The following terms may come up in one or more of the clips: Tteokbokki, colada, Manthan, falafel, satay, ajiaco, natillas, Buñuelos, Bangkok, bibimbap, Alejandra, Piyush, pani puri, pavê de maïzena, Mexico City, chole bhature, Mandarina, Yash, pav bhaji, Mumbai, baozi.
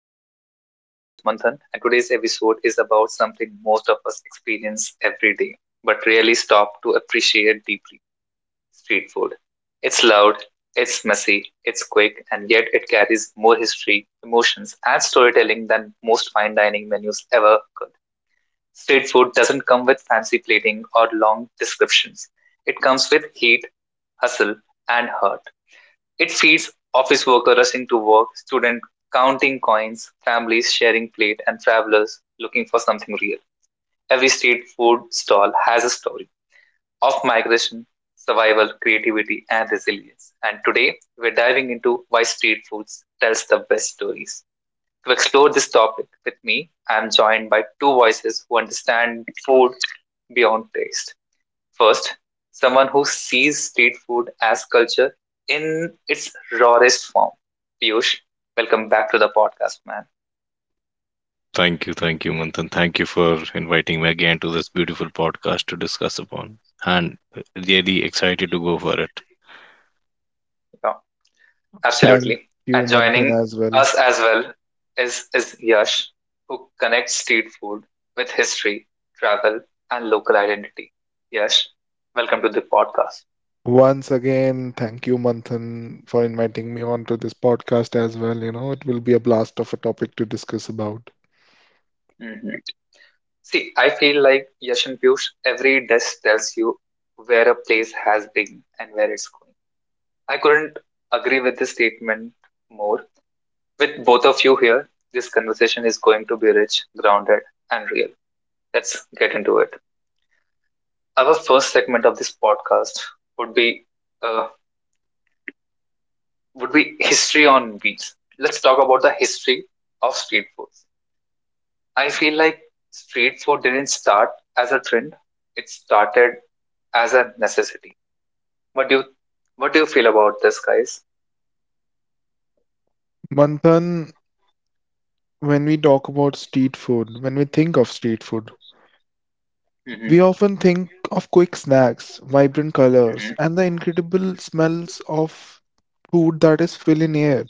podcast. I'm your host, Manthan, and today's episode is about something most of us experience every day, but rarely stop to appreciate deeply. Street food. It's loud, it's messy, it's quick, and yet it carries more history, emotions, and storytelling than most fine dining menus ever could. Street food doesn't come with fancy plating or long descriptions, it comes with heat, hustle, and heart. It feeds office workers rushing to work, students counting coins, families sharing plate, and travelers looking for something real. Every street food stall has a story of migration, survival, creativity, and resilience. And today, we're diving into why street foods tells the best stories. To explore this topic with me, I'm joined by two voices who understand food beyond taste. First, someone who sees street food as culture in its rawest form. Piyush, welcome back to the podcast, man. Thank you, Manthan. Thank you for inviting me again to this beautiful podcast to discuss upon. And really excited to go for it. Yeah, Thank absolutely. you, And Manthan, joining as well. us as well is Yash, who connects street food with history, travel, and local identity. Yash, welcome to the podcast. Once again, thank you, Manthan, for inviting me onto this podcast as well. You know, it will be a blast of a topic to discuss about. Mhm. See, I feel like Yash and Piyush, every dish tells you where a place has been and where it's going. I couldn't agree with this statement more. With both of you here, this conversation is going to be rich, grounded, and real. Let's get into it. Our first segment of this podcast would be uh, would be history on beats. Let's talk about the history of street food. I feel like street food didn't start as a trend; it started as a necessity. What do you what do you feel about this, guys? Manthan, when we talk about street food, when we think of street food, Mm-hmm. we often think of quick snacks, vibrant colors, Mm-hmm. and the incredible smells of food that is filling air.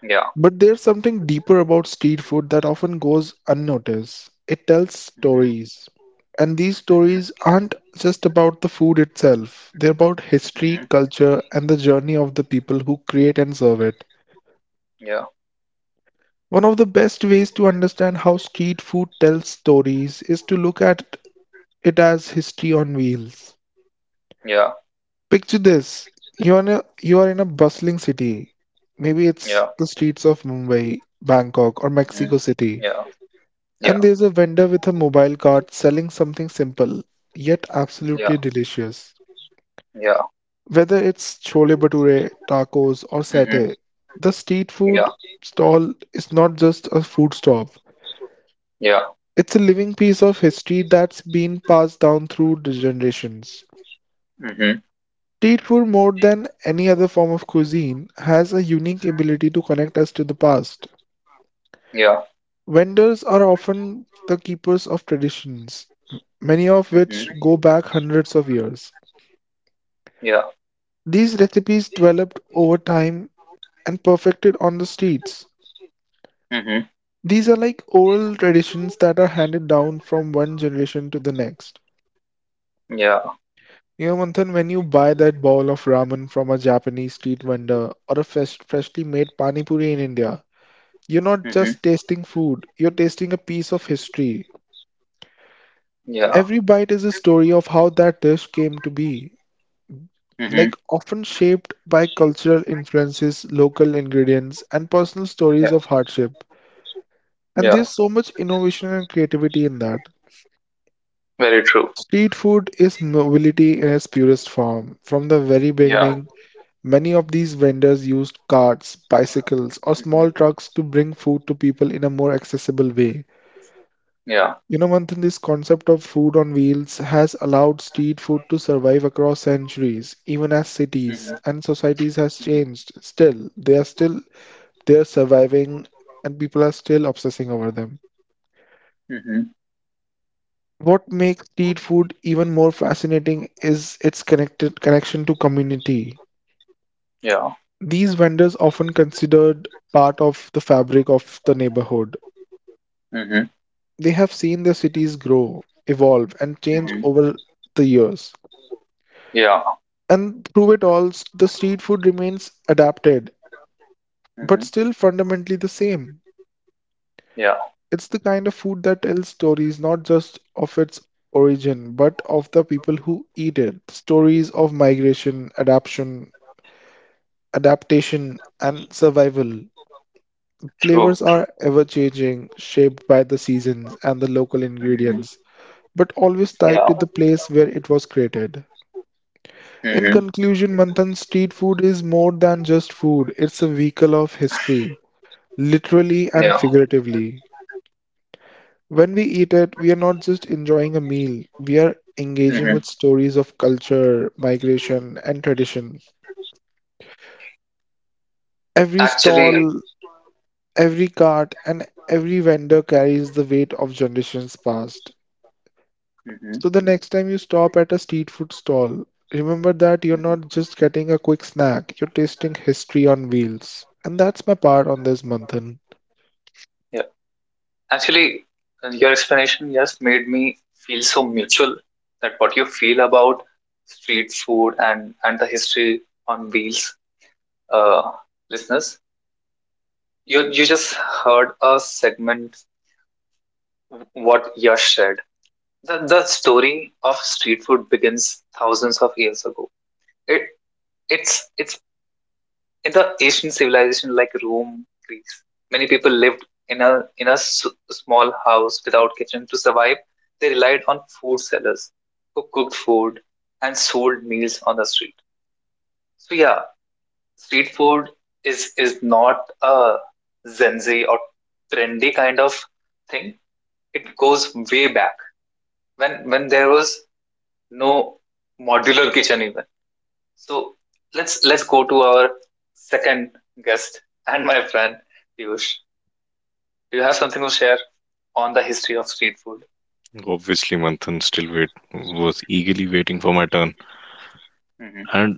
Yeah. But there's something deeper about street food that often goes unnoticed. It tells Mm-hmm. stories. And these Mm-hmm. stories aren't just about the food itself, they're about history, Mm-hmm. culture, and the journey of the people who create and serve it. Yeah. One of the best ways to understand how street food tells stories is to look at it as history on wheels. Yeah. Picture this: you are in a bustling city. Maybe it's Yeah. the streets of Mumbai, Bangkok, or Hmm. Mexico City. Yeah. Yeah. And there's a vendor with a mobile cart selling something simple, yet Yeah. absolutely delicious. Yeah. Whether it's chole bhature, tacos, or Hmm. satay, the street food Yeah. stall is not just a food stop. Yeah. It's a living piece of history that's been passed down through the generations. Hmm. Street food, more than any other form of cuisine, has a unique ability to connect us to the past. Yeah. Vendors are often the keepers of traditions, many of Hmm. which go back hundreds of years. Yeah. These recipes developed over time and perfected on the streets. Hmm. These are like oral traditions that are handed down from one generation to the next. Yeah. You know, Manthan, when you buy that bowl of ramen from a Japanese street vendor or a freshly made pani puri in India, you're not Hmm. just tasting food, you're tasting a piece of history. Yeah. Every bite is a story of how that dish came to be, Hmm. like often shaped by cultural influences, local ingredients, and personal stories Yeah. of hardship. And Yeah. there's so much innovation and creativity in that. Very true. Street food is mobility in its purest form. From the very Yeah. beginning, many of these vendors used carts, bicycles, or small Hmm. trucks to bring food to people in a more accessible way. Yeah. You know, Manthan, this concept of food on wheels has allowed street food to survive across centuries, even as cities Hmm. and societies has changed. Still, they are surviving, and people are still obsessing over them. Hmm. What makes street food even more fascinating is its connected connection to community. Yeah. These vendors often considered part of the fabric of the neighborhood. Hmm. Hmm. They have seen their cities grow, evolve, and change over the years. Yeah. And through it all, the street food remains adapted, Hmm. but still fundamentally the same. Yeah. It's the kind of food that tells stories not just of its origin, but of the people who eat it. Stories of migration, adaptation, and survival. True. Flavors True. are ever changing, shaped by the seasons and the local Hmm. ingredients, but always tied Yeah. to the place where it was created. In Hmm. conclusion, Manthan, street food is more than just food, it's a vehicle of history, literally and Yeah. figuratively. When we eat it, we are not just enjoying a meal, we are engaging with Hmm. stories of culture, migration, and tradition. Every Actually. stall, every cart and every vendor carries the weight of generations past. Hmm. So the next time you stop at a street food stall, remember that you're not Hmm. just getting a quick snack, you're tasting history on wheels. And that's my part on this, Manthan. Actually, your explanation just made me feel so mutual that what you feel about street food and the history on wheels, uh, listeners. You just heard a segment what Yash said. The story of street food begins thousands of years ago. It it's in the ancient civilization like Rome, Greece, many people lived in a small house without kitchen to survive. They relied on food sellers who cooked food and sold meals on the street. So yeah, street food is not a zenzi or trendy kind of thing. It goes way back when there was no modular kitchen even. So let's go to our second guest and my friend Piyush. Do you have something to share on the history of street food? Obviously, Manthan, still wait was eagerly waiting for my turn. Mm-hmm. And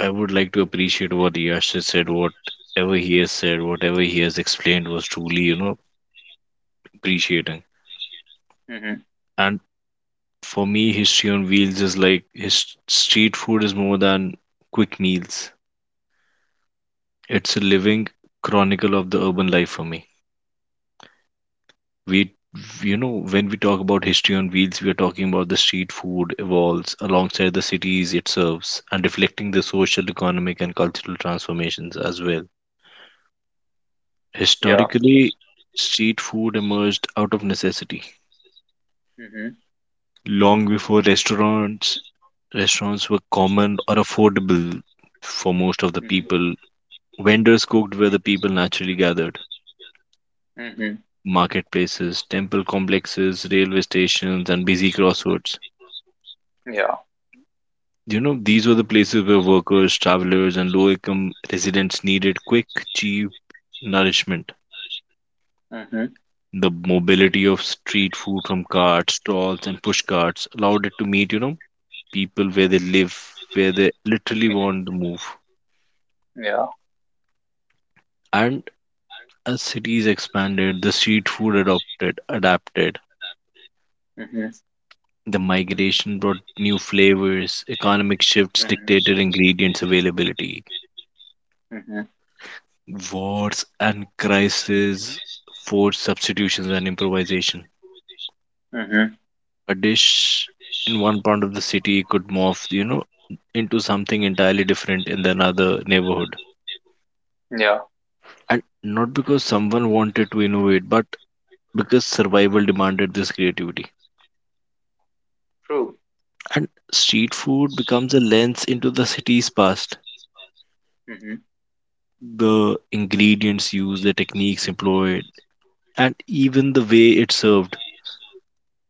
I would like to appreciate what Yash has said, whatever he has said, whatever he has explained was truly, appreciating. Mm-hmm. And for me, history on wheels is like his street food is more than quick meals. It's a living chronicle of the urban life for me. We When we talk about history on wheels, we are talking about the street food evolves alongside the cities it serves and reflecting the social, economic, and cultural transformations as well. Yeah. Historically, street food emerged out of necessity Mm-hmm. long before restaurants were common or affordable for most of the Mm-hmm. people. Vendors cooked where the people naturally gathered: Mm-hmm. marketplaces, temple complexes, railway stations, and busy crossroads. Yeah. You know, these were the places where workers, travelers, and low income residents needed quick, cheap nourishment. Mm-hmm. The mobility of street food from carts, stalls, and push carts allowed it to meet, people where they live, where they literally want to move. Yeah. And as cities expanded, the street food adapted. Mm-hmm. The migration brought new flavors, economic shifts Mm-hmm. dictated ingredients availability, Mm-hmm. wars and crises forced substitutions and improvisation. Mm-hmm. A dish in one part of the city could morph, into something entirely different in another neighborhood. Yeah. And not because someone wanted to innovate, but because survival demanded this creativity. True. And street food becomes a lens into the city's past. Mm-hmm. The ingredients used, the techniques employed, and even the way it's served,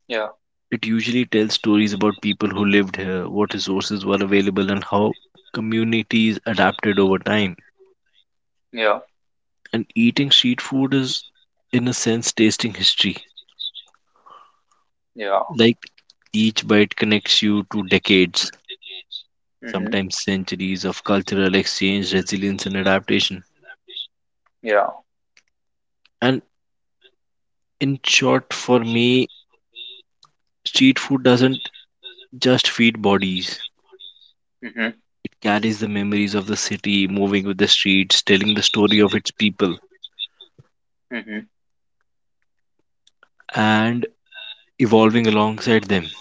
Yeah. it usually tells stories about people who lived here, what resources were available, and how communities adapted over time. Yeah. And eating street food is, in a sense, tasting history. Yeah. Like each bite connects you to decades, Mm-hmm. sometimes centuries of cultural exchange, resilience, and adaptation. Yeah. And in short, for me, street food doesn't just feed bodies, Mm-hmm. it carries the memories of the city, moving with the streets, telling the story of its people. Mm-hmm. And evolving alongside them.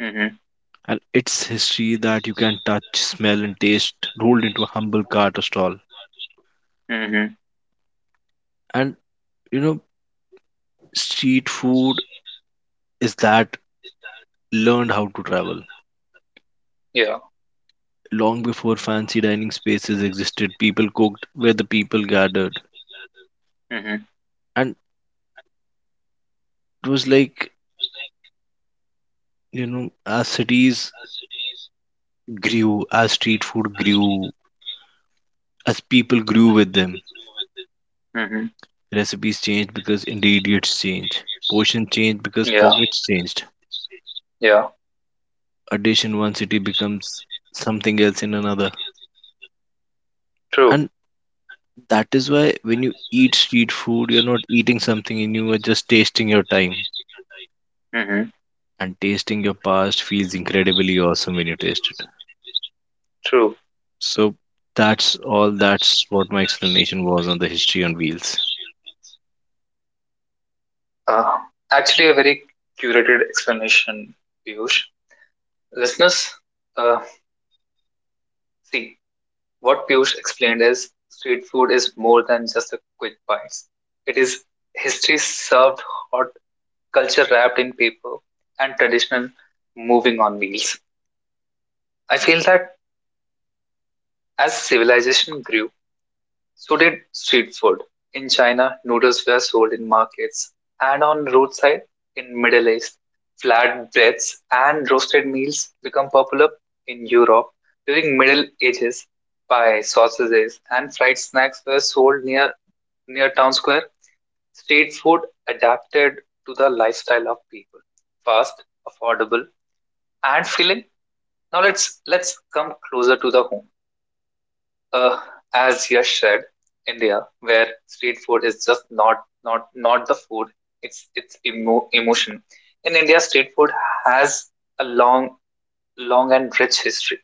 Mm-hmm. And it's history that you can touch, smell, and taste rolled into a humble cart or stall. Mm-hmm. And you know, street food is that learned how to travel. Yeah. Long before fancy dining spaces existed, people cooked where the people gathered. Mm-hmm. And it was like, as cities grew, as street food grew, as people grew with them, Mm-hmm. recipes changed because ingredients changed, portions changed because Yeah. pockets changed. Yeah. Addition, in one city becomes something else in another. True. And that is why when you eat street food, you're not eating something in you, are just tasting your time. Mm-hmm. And tasting your past feels incredibly awesome when you taste it. True. So that's all. That's what my explanation was on the history on wheels. Uh, actually, a very curated explanation, Piyush. Listeners, uh, see, what Piyush explained is street food is more than just a quick bites. It is history served hot, culture wrapped in paper, and traditional moving on meals. I feel that as civilization grew, so did street food. In China, noodles were sold in markets and on roadside. In Middle East, flatbreads and roasted meals become popular. In Europe, during Middle Ages, pie, sausages, and fried snacks were sold near town square. Street food adapted to the lifestyle of people. Fast, affordable, and filling. Now let's come closer to the home, uh, as Yash said, India, where street food is just not the food; it's emotion. In India, street food has a long, long and rich history.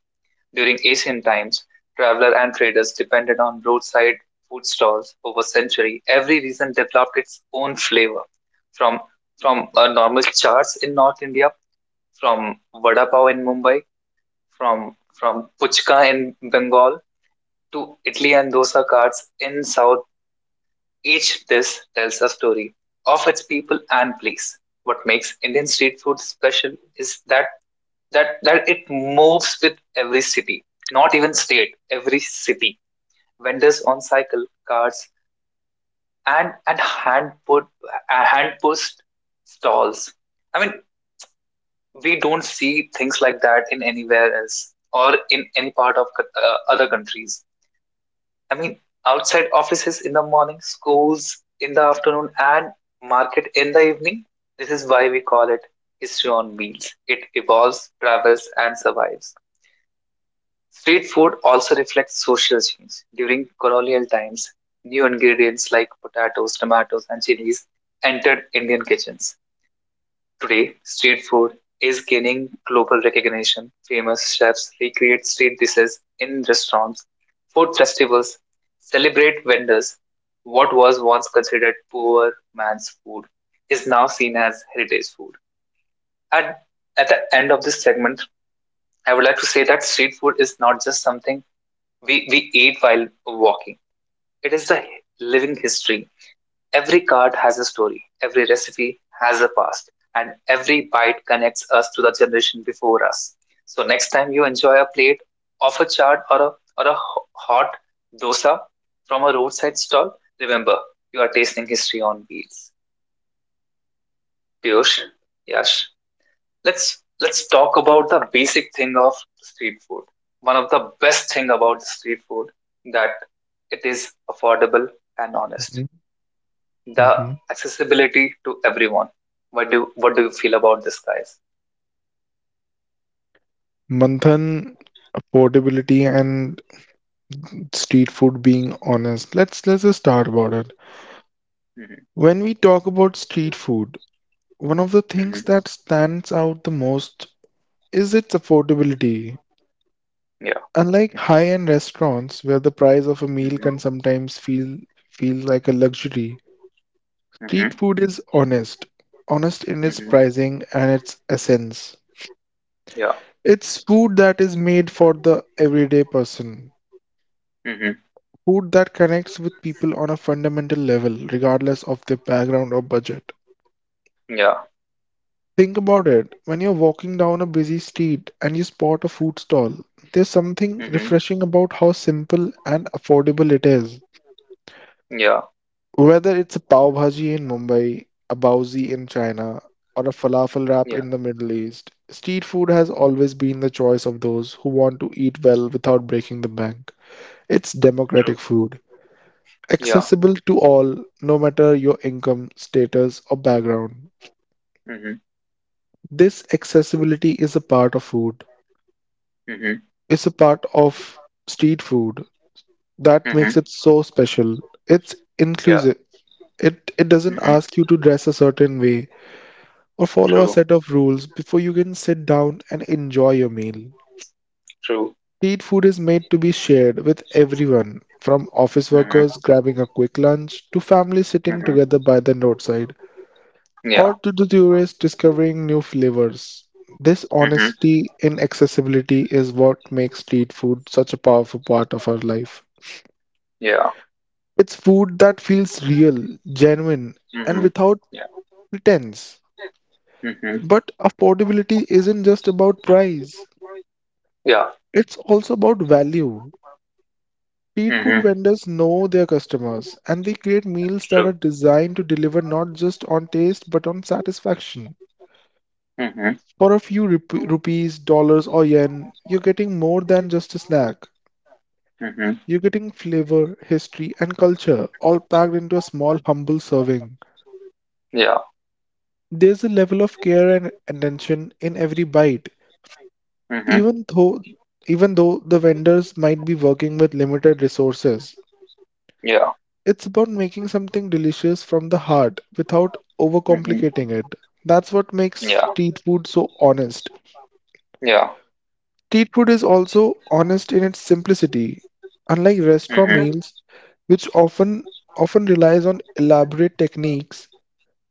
During ancient times, travelers and traders depended on roadside food stalls over century. Every region developed its own flavor, from from normal chaats in North India, from vada pav in Mumbai, from puchka in Bengal, to Italy and dosa carts in South, each dish tells a story of its people and place. What makes Indian street food special is that it moves with every city, not even state, every city. Vendors on cycle carts and hand pushed stalls. I mean, we don't see things like that in anywhere else or in any part of other countries. I mean, outside offices in the morning, schools in the afternoon, and market in the evening. This is why we call it history on wheels. It evolves, travels, and survives. Street food also reflects social change. During colonial times, new ingredients like potatoes, tomatoes, and chilies entered Indian kitchens. Today, street food is gaining global recognition. Famous chefs recreate street dishes in restaurants. Food festivals celebrate vendors. What was once considered poor man's food is now seen as heritage food. And at the end of this segment, I would like to say that street food is not just something we eat while walking, it is the living history. Every card has a story, every recipe has a past, and every bite connects us to the generation before us. So next time you enjoy a plate of a chaat or a hot dosa from a roadside stall, remember you are tasting history on wheels. Piyush, Yash, let's talk about the basic thing of street food. One of the best thing about street food that it is affordable and honest. Mhm, The mhm. accessibility to everyone. What do you feel about this, guys? Manthan, affordability and street food being honest. Let's just start about it. Mm-hmm. When we talk about street food, one of the Mm-hmm. things that stands out the most is its affordability. Yeah. Unlike high-end restaurants where the price of a meal Mm-hmm. can sometimes feel like a luxury, Mm-hmm. street food is honest, honest in its Mm-hmm. pricing and its essence. Yeah. It's food that is made for the everyday person, Mm-hmm. food that connects with people on a fundamental level, regardless of their background or budget. Yeah. Think about it. When you're walking down a busy street and you spot a food stall, there's something Mm-hmm. refreshing about how simple and affordable it is. Yeah. Whether it's a pav bhaji in Mumbai, a baozi in China, or a falafel wrap Yeah. in the Middle East, street food has always been the choice of those who want to eat well without breaking the bank. It's True. democratic food, Yeah. accessible to all, no matter your income, status, or background. Mm-hmm. This accessibility is a part of food. Mm-hmm. It's a part of street food that Mm-hmm. makes it so special. It's Yeah. inclusive. It doesn't Mm-hmm. ask you to dress a certain way, or follow a True. set of rules before you can sit down and enjoy your meal. True. Street food is made to be shared with everyone, from office workers Mm-hmm. grabbing a quick lunch to families sitting Mm-hmm. together by the roadside, or Yeah. to the tourists discovering new flavors. This Mm-hmm. honesty in accessibility is what makes street food such a powerful part of our life. Yeah. It's food that feels real, genuine, and Mm-hmm. without Yeah. pretense. Mm-hmm. But affordability isn't just about price. Yeah. It's also about value. Street food Mm-hmm. vendors know their customers and they create meals that True. are designed to deliver not just on taste but on satisfaction. Mm-hmm. For a few rupees, dollars, or yen, you're getting more than just a snack. Mm-hmm. You're getting flavor, history, and culture all packed into a small, humble serving. Yeah. There's a level of care and attention in every bite, Mm-hmm. even though even though the vendors might be working with limited resources. Yeah. It's about making something delicious from the heart without Mm-hmm. overcomplicating it. That's what makes Yeah. street food so honest. Yeah. Street food is also honest in its simplicity. Unlike restaurant Mm-hmm. meals, which often relies on elaborate techniques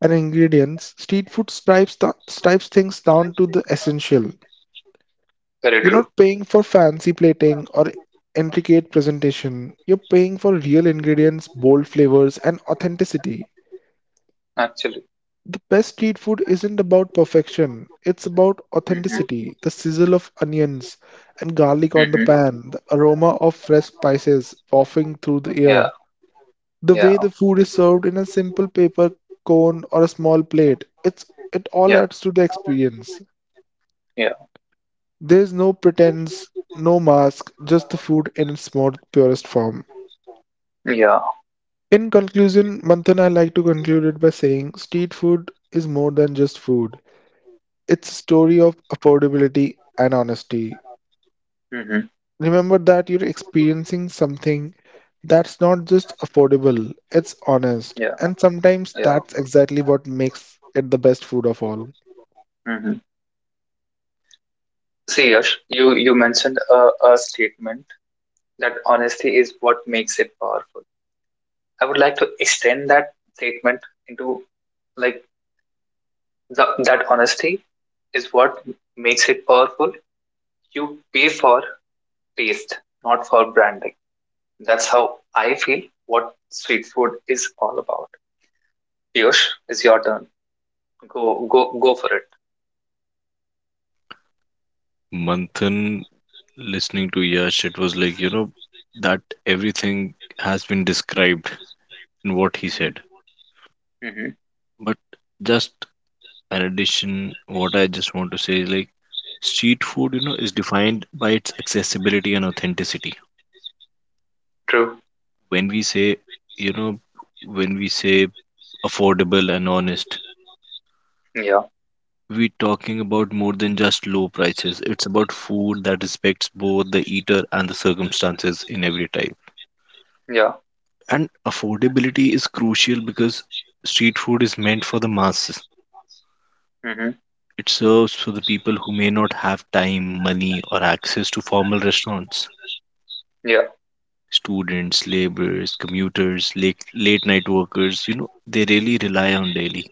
and ingredients, street food stripes things down to the essential. Very You're true. not paying for fancy plating or intricate presentation. You're paying for real ingredients, bold flavors, and authenticity. Actually. The best street food isn't about perfection, it's about Mm-hmm. authenticity, the sizzle of onions and garlic on the Mm-hmm. pan, the aroma of fresh spices wafting through the Yeah, air, the way yeah, the food is served in a simple paper cone or a small plate. It all yeah, adds to the experience. yeah, There's no pretense, no mask, just the food in its more purest form. yeah. In conclusion, Manthan, I like to conclude it by saying street food is more than just food. It's a story of affordability and honesty. Mm-hmm. Remember that you're experiencing something that's not just affordable, it's honest. Yeah, And sometimes yeah. that's exactly what makes it the best food of all. Mm-hmm. See, Yash, you mentioned a statement that honesty is what makes it powerful. I would like to extend that statement into like that honesty is what makes it powerful. You pay for taste, not for branding. That's how I feel. What street food is all about. Piyush, it's your turn. Go, go, go for it. Manthan, listening to Yash, it was like, that everything has been described in what he said. Mm-hmm. Mm-hmm. But just in addition, what I just want to say is like street food, is defined by its accessibility and authenticity. True. When we say, you know, when we say affordable and honest, Yeah. we're talking about more than just low prices. It's about food that respects both the eater and the circumstances in every type. Yeah. And affordability is crucial because street food is meant for the masses. Mm-hmm. It serves for the people who may not have time, money, or access to formal restaurants. Yeah. Students, laborers, commuters, late night workers, they really rely on daily.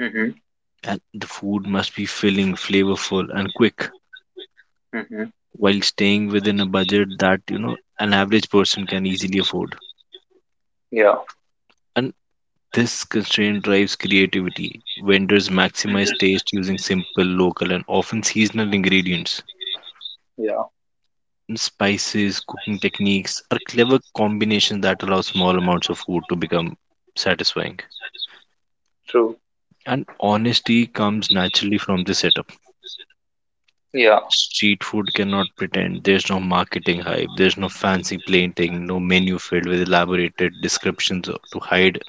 Mm-hmm. And the food must be filling, flavorful, and quick Mm-hmm. while staying within a budget that, an average person can easily afford. Yeah. And this constraint drives creativity. Vendors Mm-hmm. maximize taste using simple, local, and often seasonal ingredients. Yeah. And spices, cooking techniques are clever combinations that allow small amounts of food to become satisfying. True. And honesty comes naturally from the setup. Yeah. Street food cannot pretend. There's no marketing hype. There's no fancy plating. No menu filled with elaborated descriptions or to hide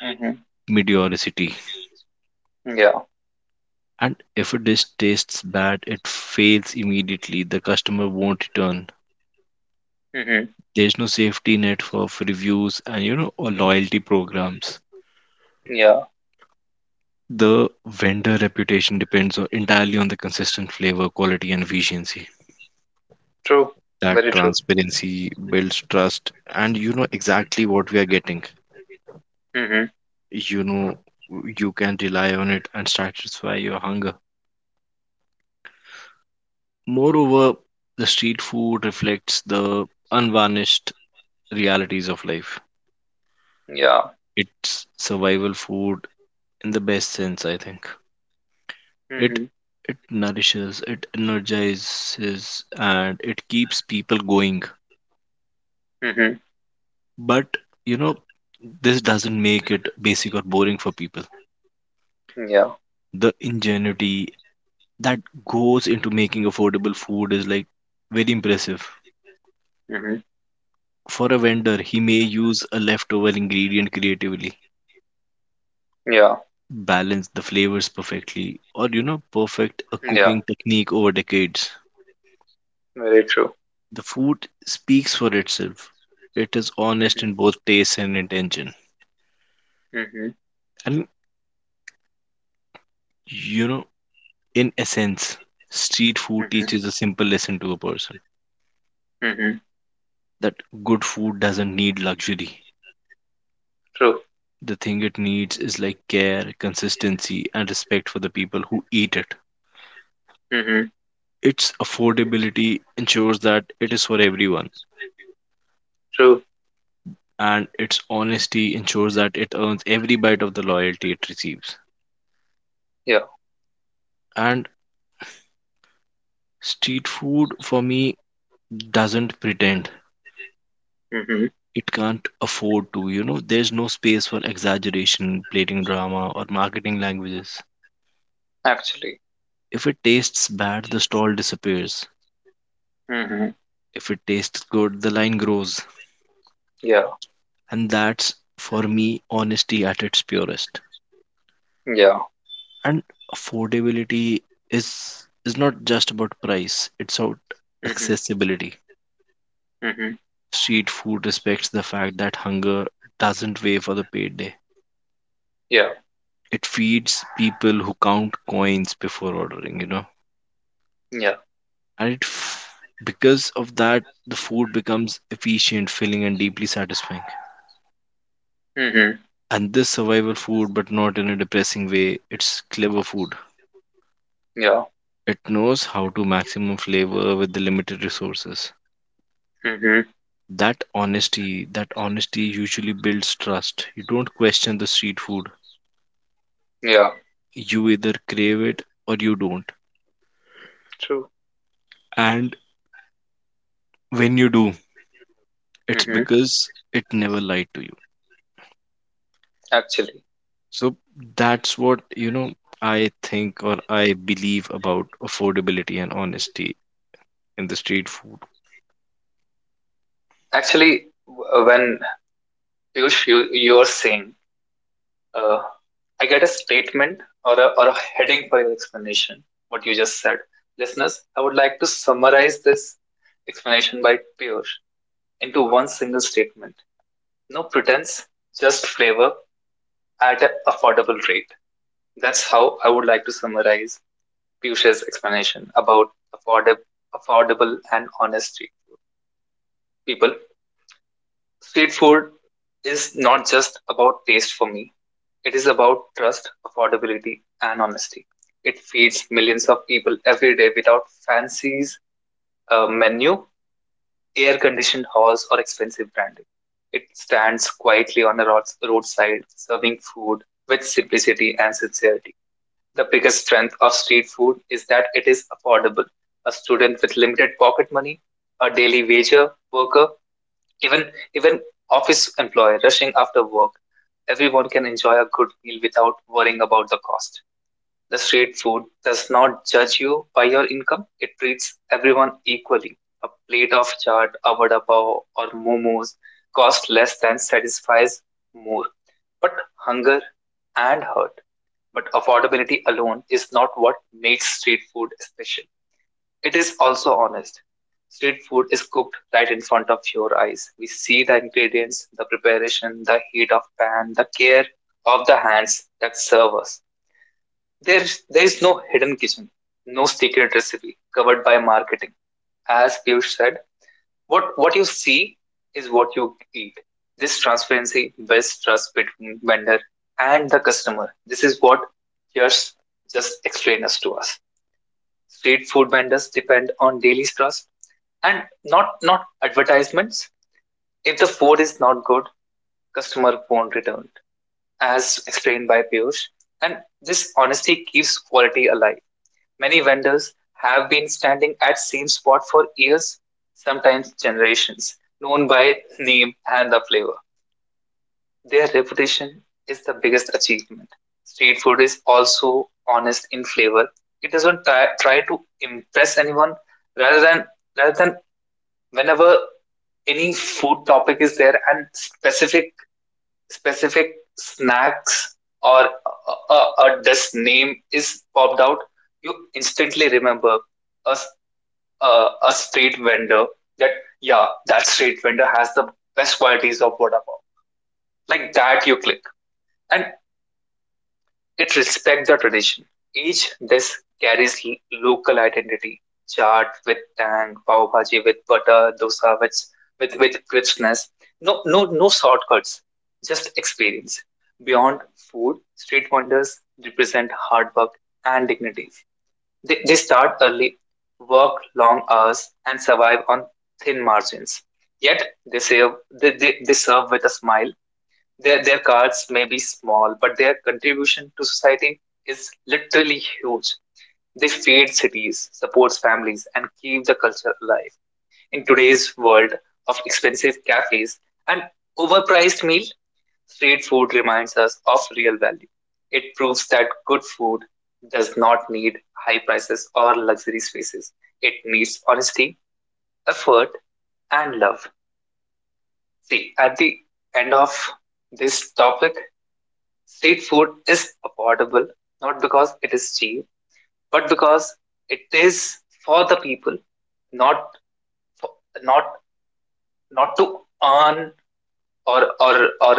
Mm-hmm. mediocrity. Yeah. And if a dish tastes bad, it fails immediately. The customer won't return. Mm-hmm. There's no safety net for reviews and or loyalty programs. Yeah. The vendor reputation depends on, entirely on the consistent flavor, quality, and efficiency. True. That Very true. transparency builds trust, and exactly what we are getting. Mm-hmm. You know, you can rely on it and satisfy your hunger. Moreover, the street food reflects the unvarnished realities of life. Yeah. It's survival food in the best sense, I think. it Mm-hmm. it nourishes, it energizes, and it keeps people going. Mm-hmm. But you know, this doesn't make it basic or boring for people. Yeah. The ingenuity that goes into making affordable food is like very impressive. Mm-hmm. For a vendor, he may use a leftover ingredient creatively, Yeah. balance the flavors perfectly, or perfect a Yeah. cooking technique over decades. Very true. The food speaks for itself. It is honest Mm-hmm. in both taste and intention. Mm-hmm. And you know, in essence, street food Mm-hmm. teaches a simple lesson to a person Mm-hmm. that good food doesn't need luxury. True. The thing it needs is like care, consistency, and respect for the people who eat it. Mm-hmm. Its affordability ensures that it is for everyone, True. and its honesty ensures that it earns every bite of the loyalty it receives. Yeah. And street food for me doesn't pretend. Mm-hmm. It can't afford to, there's no space for exaggeration, plating drama, or marketing languages. Actually. If it tastes bad, the stall disappears. Mm-hmm. If it tastes good, the line grows. Yeah. And that's for me honesty at its purest. Yeah. And affordability is not just about price, it's about Mm-hmm. accessibility. Mm-hmm. Street food respects the fact that hunger doesn't wait for the payday. Yeah. It feeds people who count coins before ordering. Yeah. And because of that the food becomes efficient, filling and deeply satisfying. Mm-hmm. And this survival food but not in a depressing way, it's clever food. Yeah. It knows how to maximum flavor with the limited resources. Mm-hmm. That honesty usually builds trust. You don't question the street food. Yeah. You either crave it or you don't. True. And when you do, it's Mm-hmm. because it never lied to you. Actually. So that's what, I think or I believe about affordability and honesty in the street food. When Piyush, you are saying, uh, I get a statement or a heading for your explanation, what you just said. Listeners, I would like to summarize this explanation by Piyush into one single statement. No pretense, just flavor at an affordable rate. That's how I would like to summarize Piyush's explanation about affordable, affordable and honest street food. People, street food is not just about taste for me. It is about trust, affordability, and honesty. It feeds millions of people every day without fancies, a menu, air conditioned halls, or expensive branding. It stands quietly on the roadside, serving food with simplicity and sincerity. The biggest strength of street food is that it is affordable. A student with limited pocket money, a daily wager worker, even office employee rushing after work, everyone can enjoy a good meal without worrying about the cost. The street food does not judge you by your income. It treats everyone equally. A plate of chaat, a vada pav, or momos costs less than satisfies more. But hunger and hurt, but affordability alone is not what makes street food special. It is also honest. Street food is cooked right in front of your eyes. We see the ingredients, the preparation, the heat of pan, the care of the hands that serve us. There, there is no hidden kitchen, no secret recipe covered by marketing. As Piyush said, what you see is what you eat. This transparency builds trust between vendor and the customer. This is what Yash just explained us to us. Street food vendors depend on daily trust and not advertisements. If the food is not good, customer won't return as explained by Piyush, and this honesty keeps quality alive. Many vendors have been standing at same spot for years, sometimes generations, known by name and the flavor. Their reputation is the biggest achievement. Street food is also honest in flavor. It doesn't try to impress anyone. Rather than rather than whenever any food topic is there and specific snacks or a dish name is popped out, you instantly remember a, a street vendor that yeah, that street vendor has the best qualities of what about, like, that you click. And it respects the tradition. Each dish carries local identity. Chaat with tang, pav bhaji with butter, dosa with crispness. No, no, no shortcuts. Just experience. Beyond food, street vendors represent hard work and dignity. They start early, work long hours, and survive on thin margins. Yet they serve, they serve with a smile. Their cards may be small, but their contribution to society is literally huge. They feed cities, support families, and keep the culture alive. In today's world of expensive cafes and overpriced meal, street food reminds us of real value. It proves that good food does not need high prices or luxury spaces. It needs honesty, effort, and love. See, at the end of this topic, street food is affordable not because it is cheap, but because it is for the people, not for, not not to earn or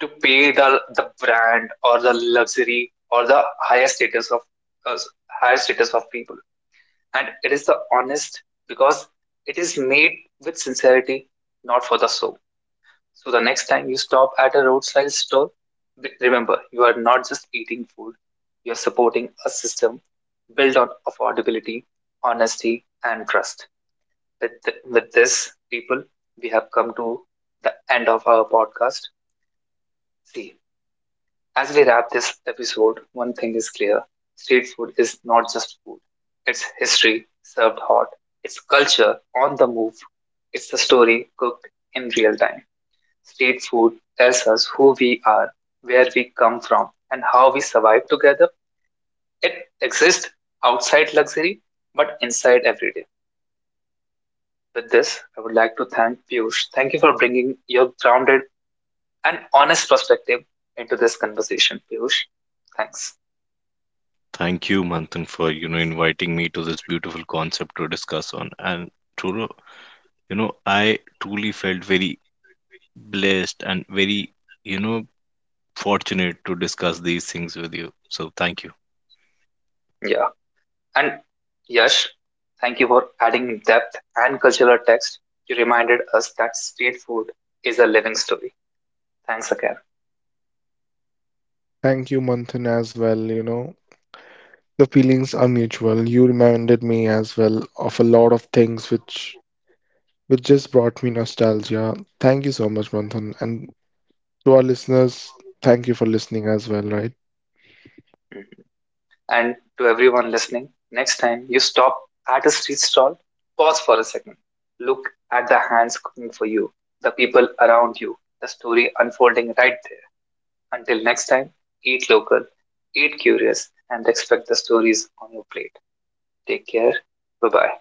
to pay the brand or the luxury or the uh, higher status of people. And it is the honest because it is made with sincerity, not for the show. So the next time you stop at a roadside store, remember you are not just eating food, you are supporting a system built on affordability, honesty, and trust. With this, people, we have come to the end of our podcast. See, as we wrap this episode, one thing is clear. Street food is not just food, it's history served hot, it's culture on the move, it's the story cooked in real time. Street food tells us who we are, where we come from, and how we survive together. It exists outside luxury, but inside every day. With this, I would like to thank Piyush. Thank you for bringing your grounded and honest perspective into this conversation, Piyush. Thanks. Thank you, Manthan, for, inviting me to this beautiful concept to discuss on. And Truro, I truly felt very blessed and very, you know fortunate to discuss these things with you. So thank you. Yeah. And Yash, thank you for adding depth and cultural text. You reminded us that street food is a living story. Thanks again. Thank you, Manthan, as well. You know, the feelings are mutual. You reminded me as well of a lot of things which just brought me nostalgia. Thank you so much, Manthan, and to our listeners, thank you for listening as well, right? Mm. And to everyone listening, next time you stop at a street stall, pause for a second. Look at the hands cooking for you, the people around you, the story unfolding right there. Until next time, eat local, eat curious, and expect the stories on your plate. Take care. Bye bye.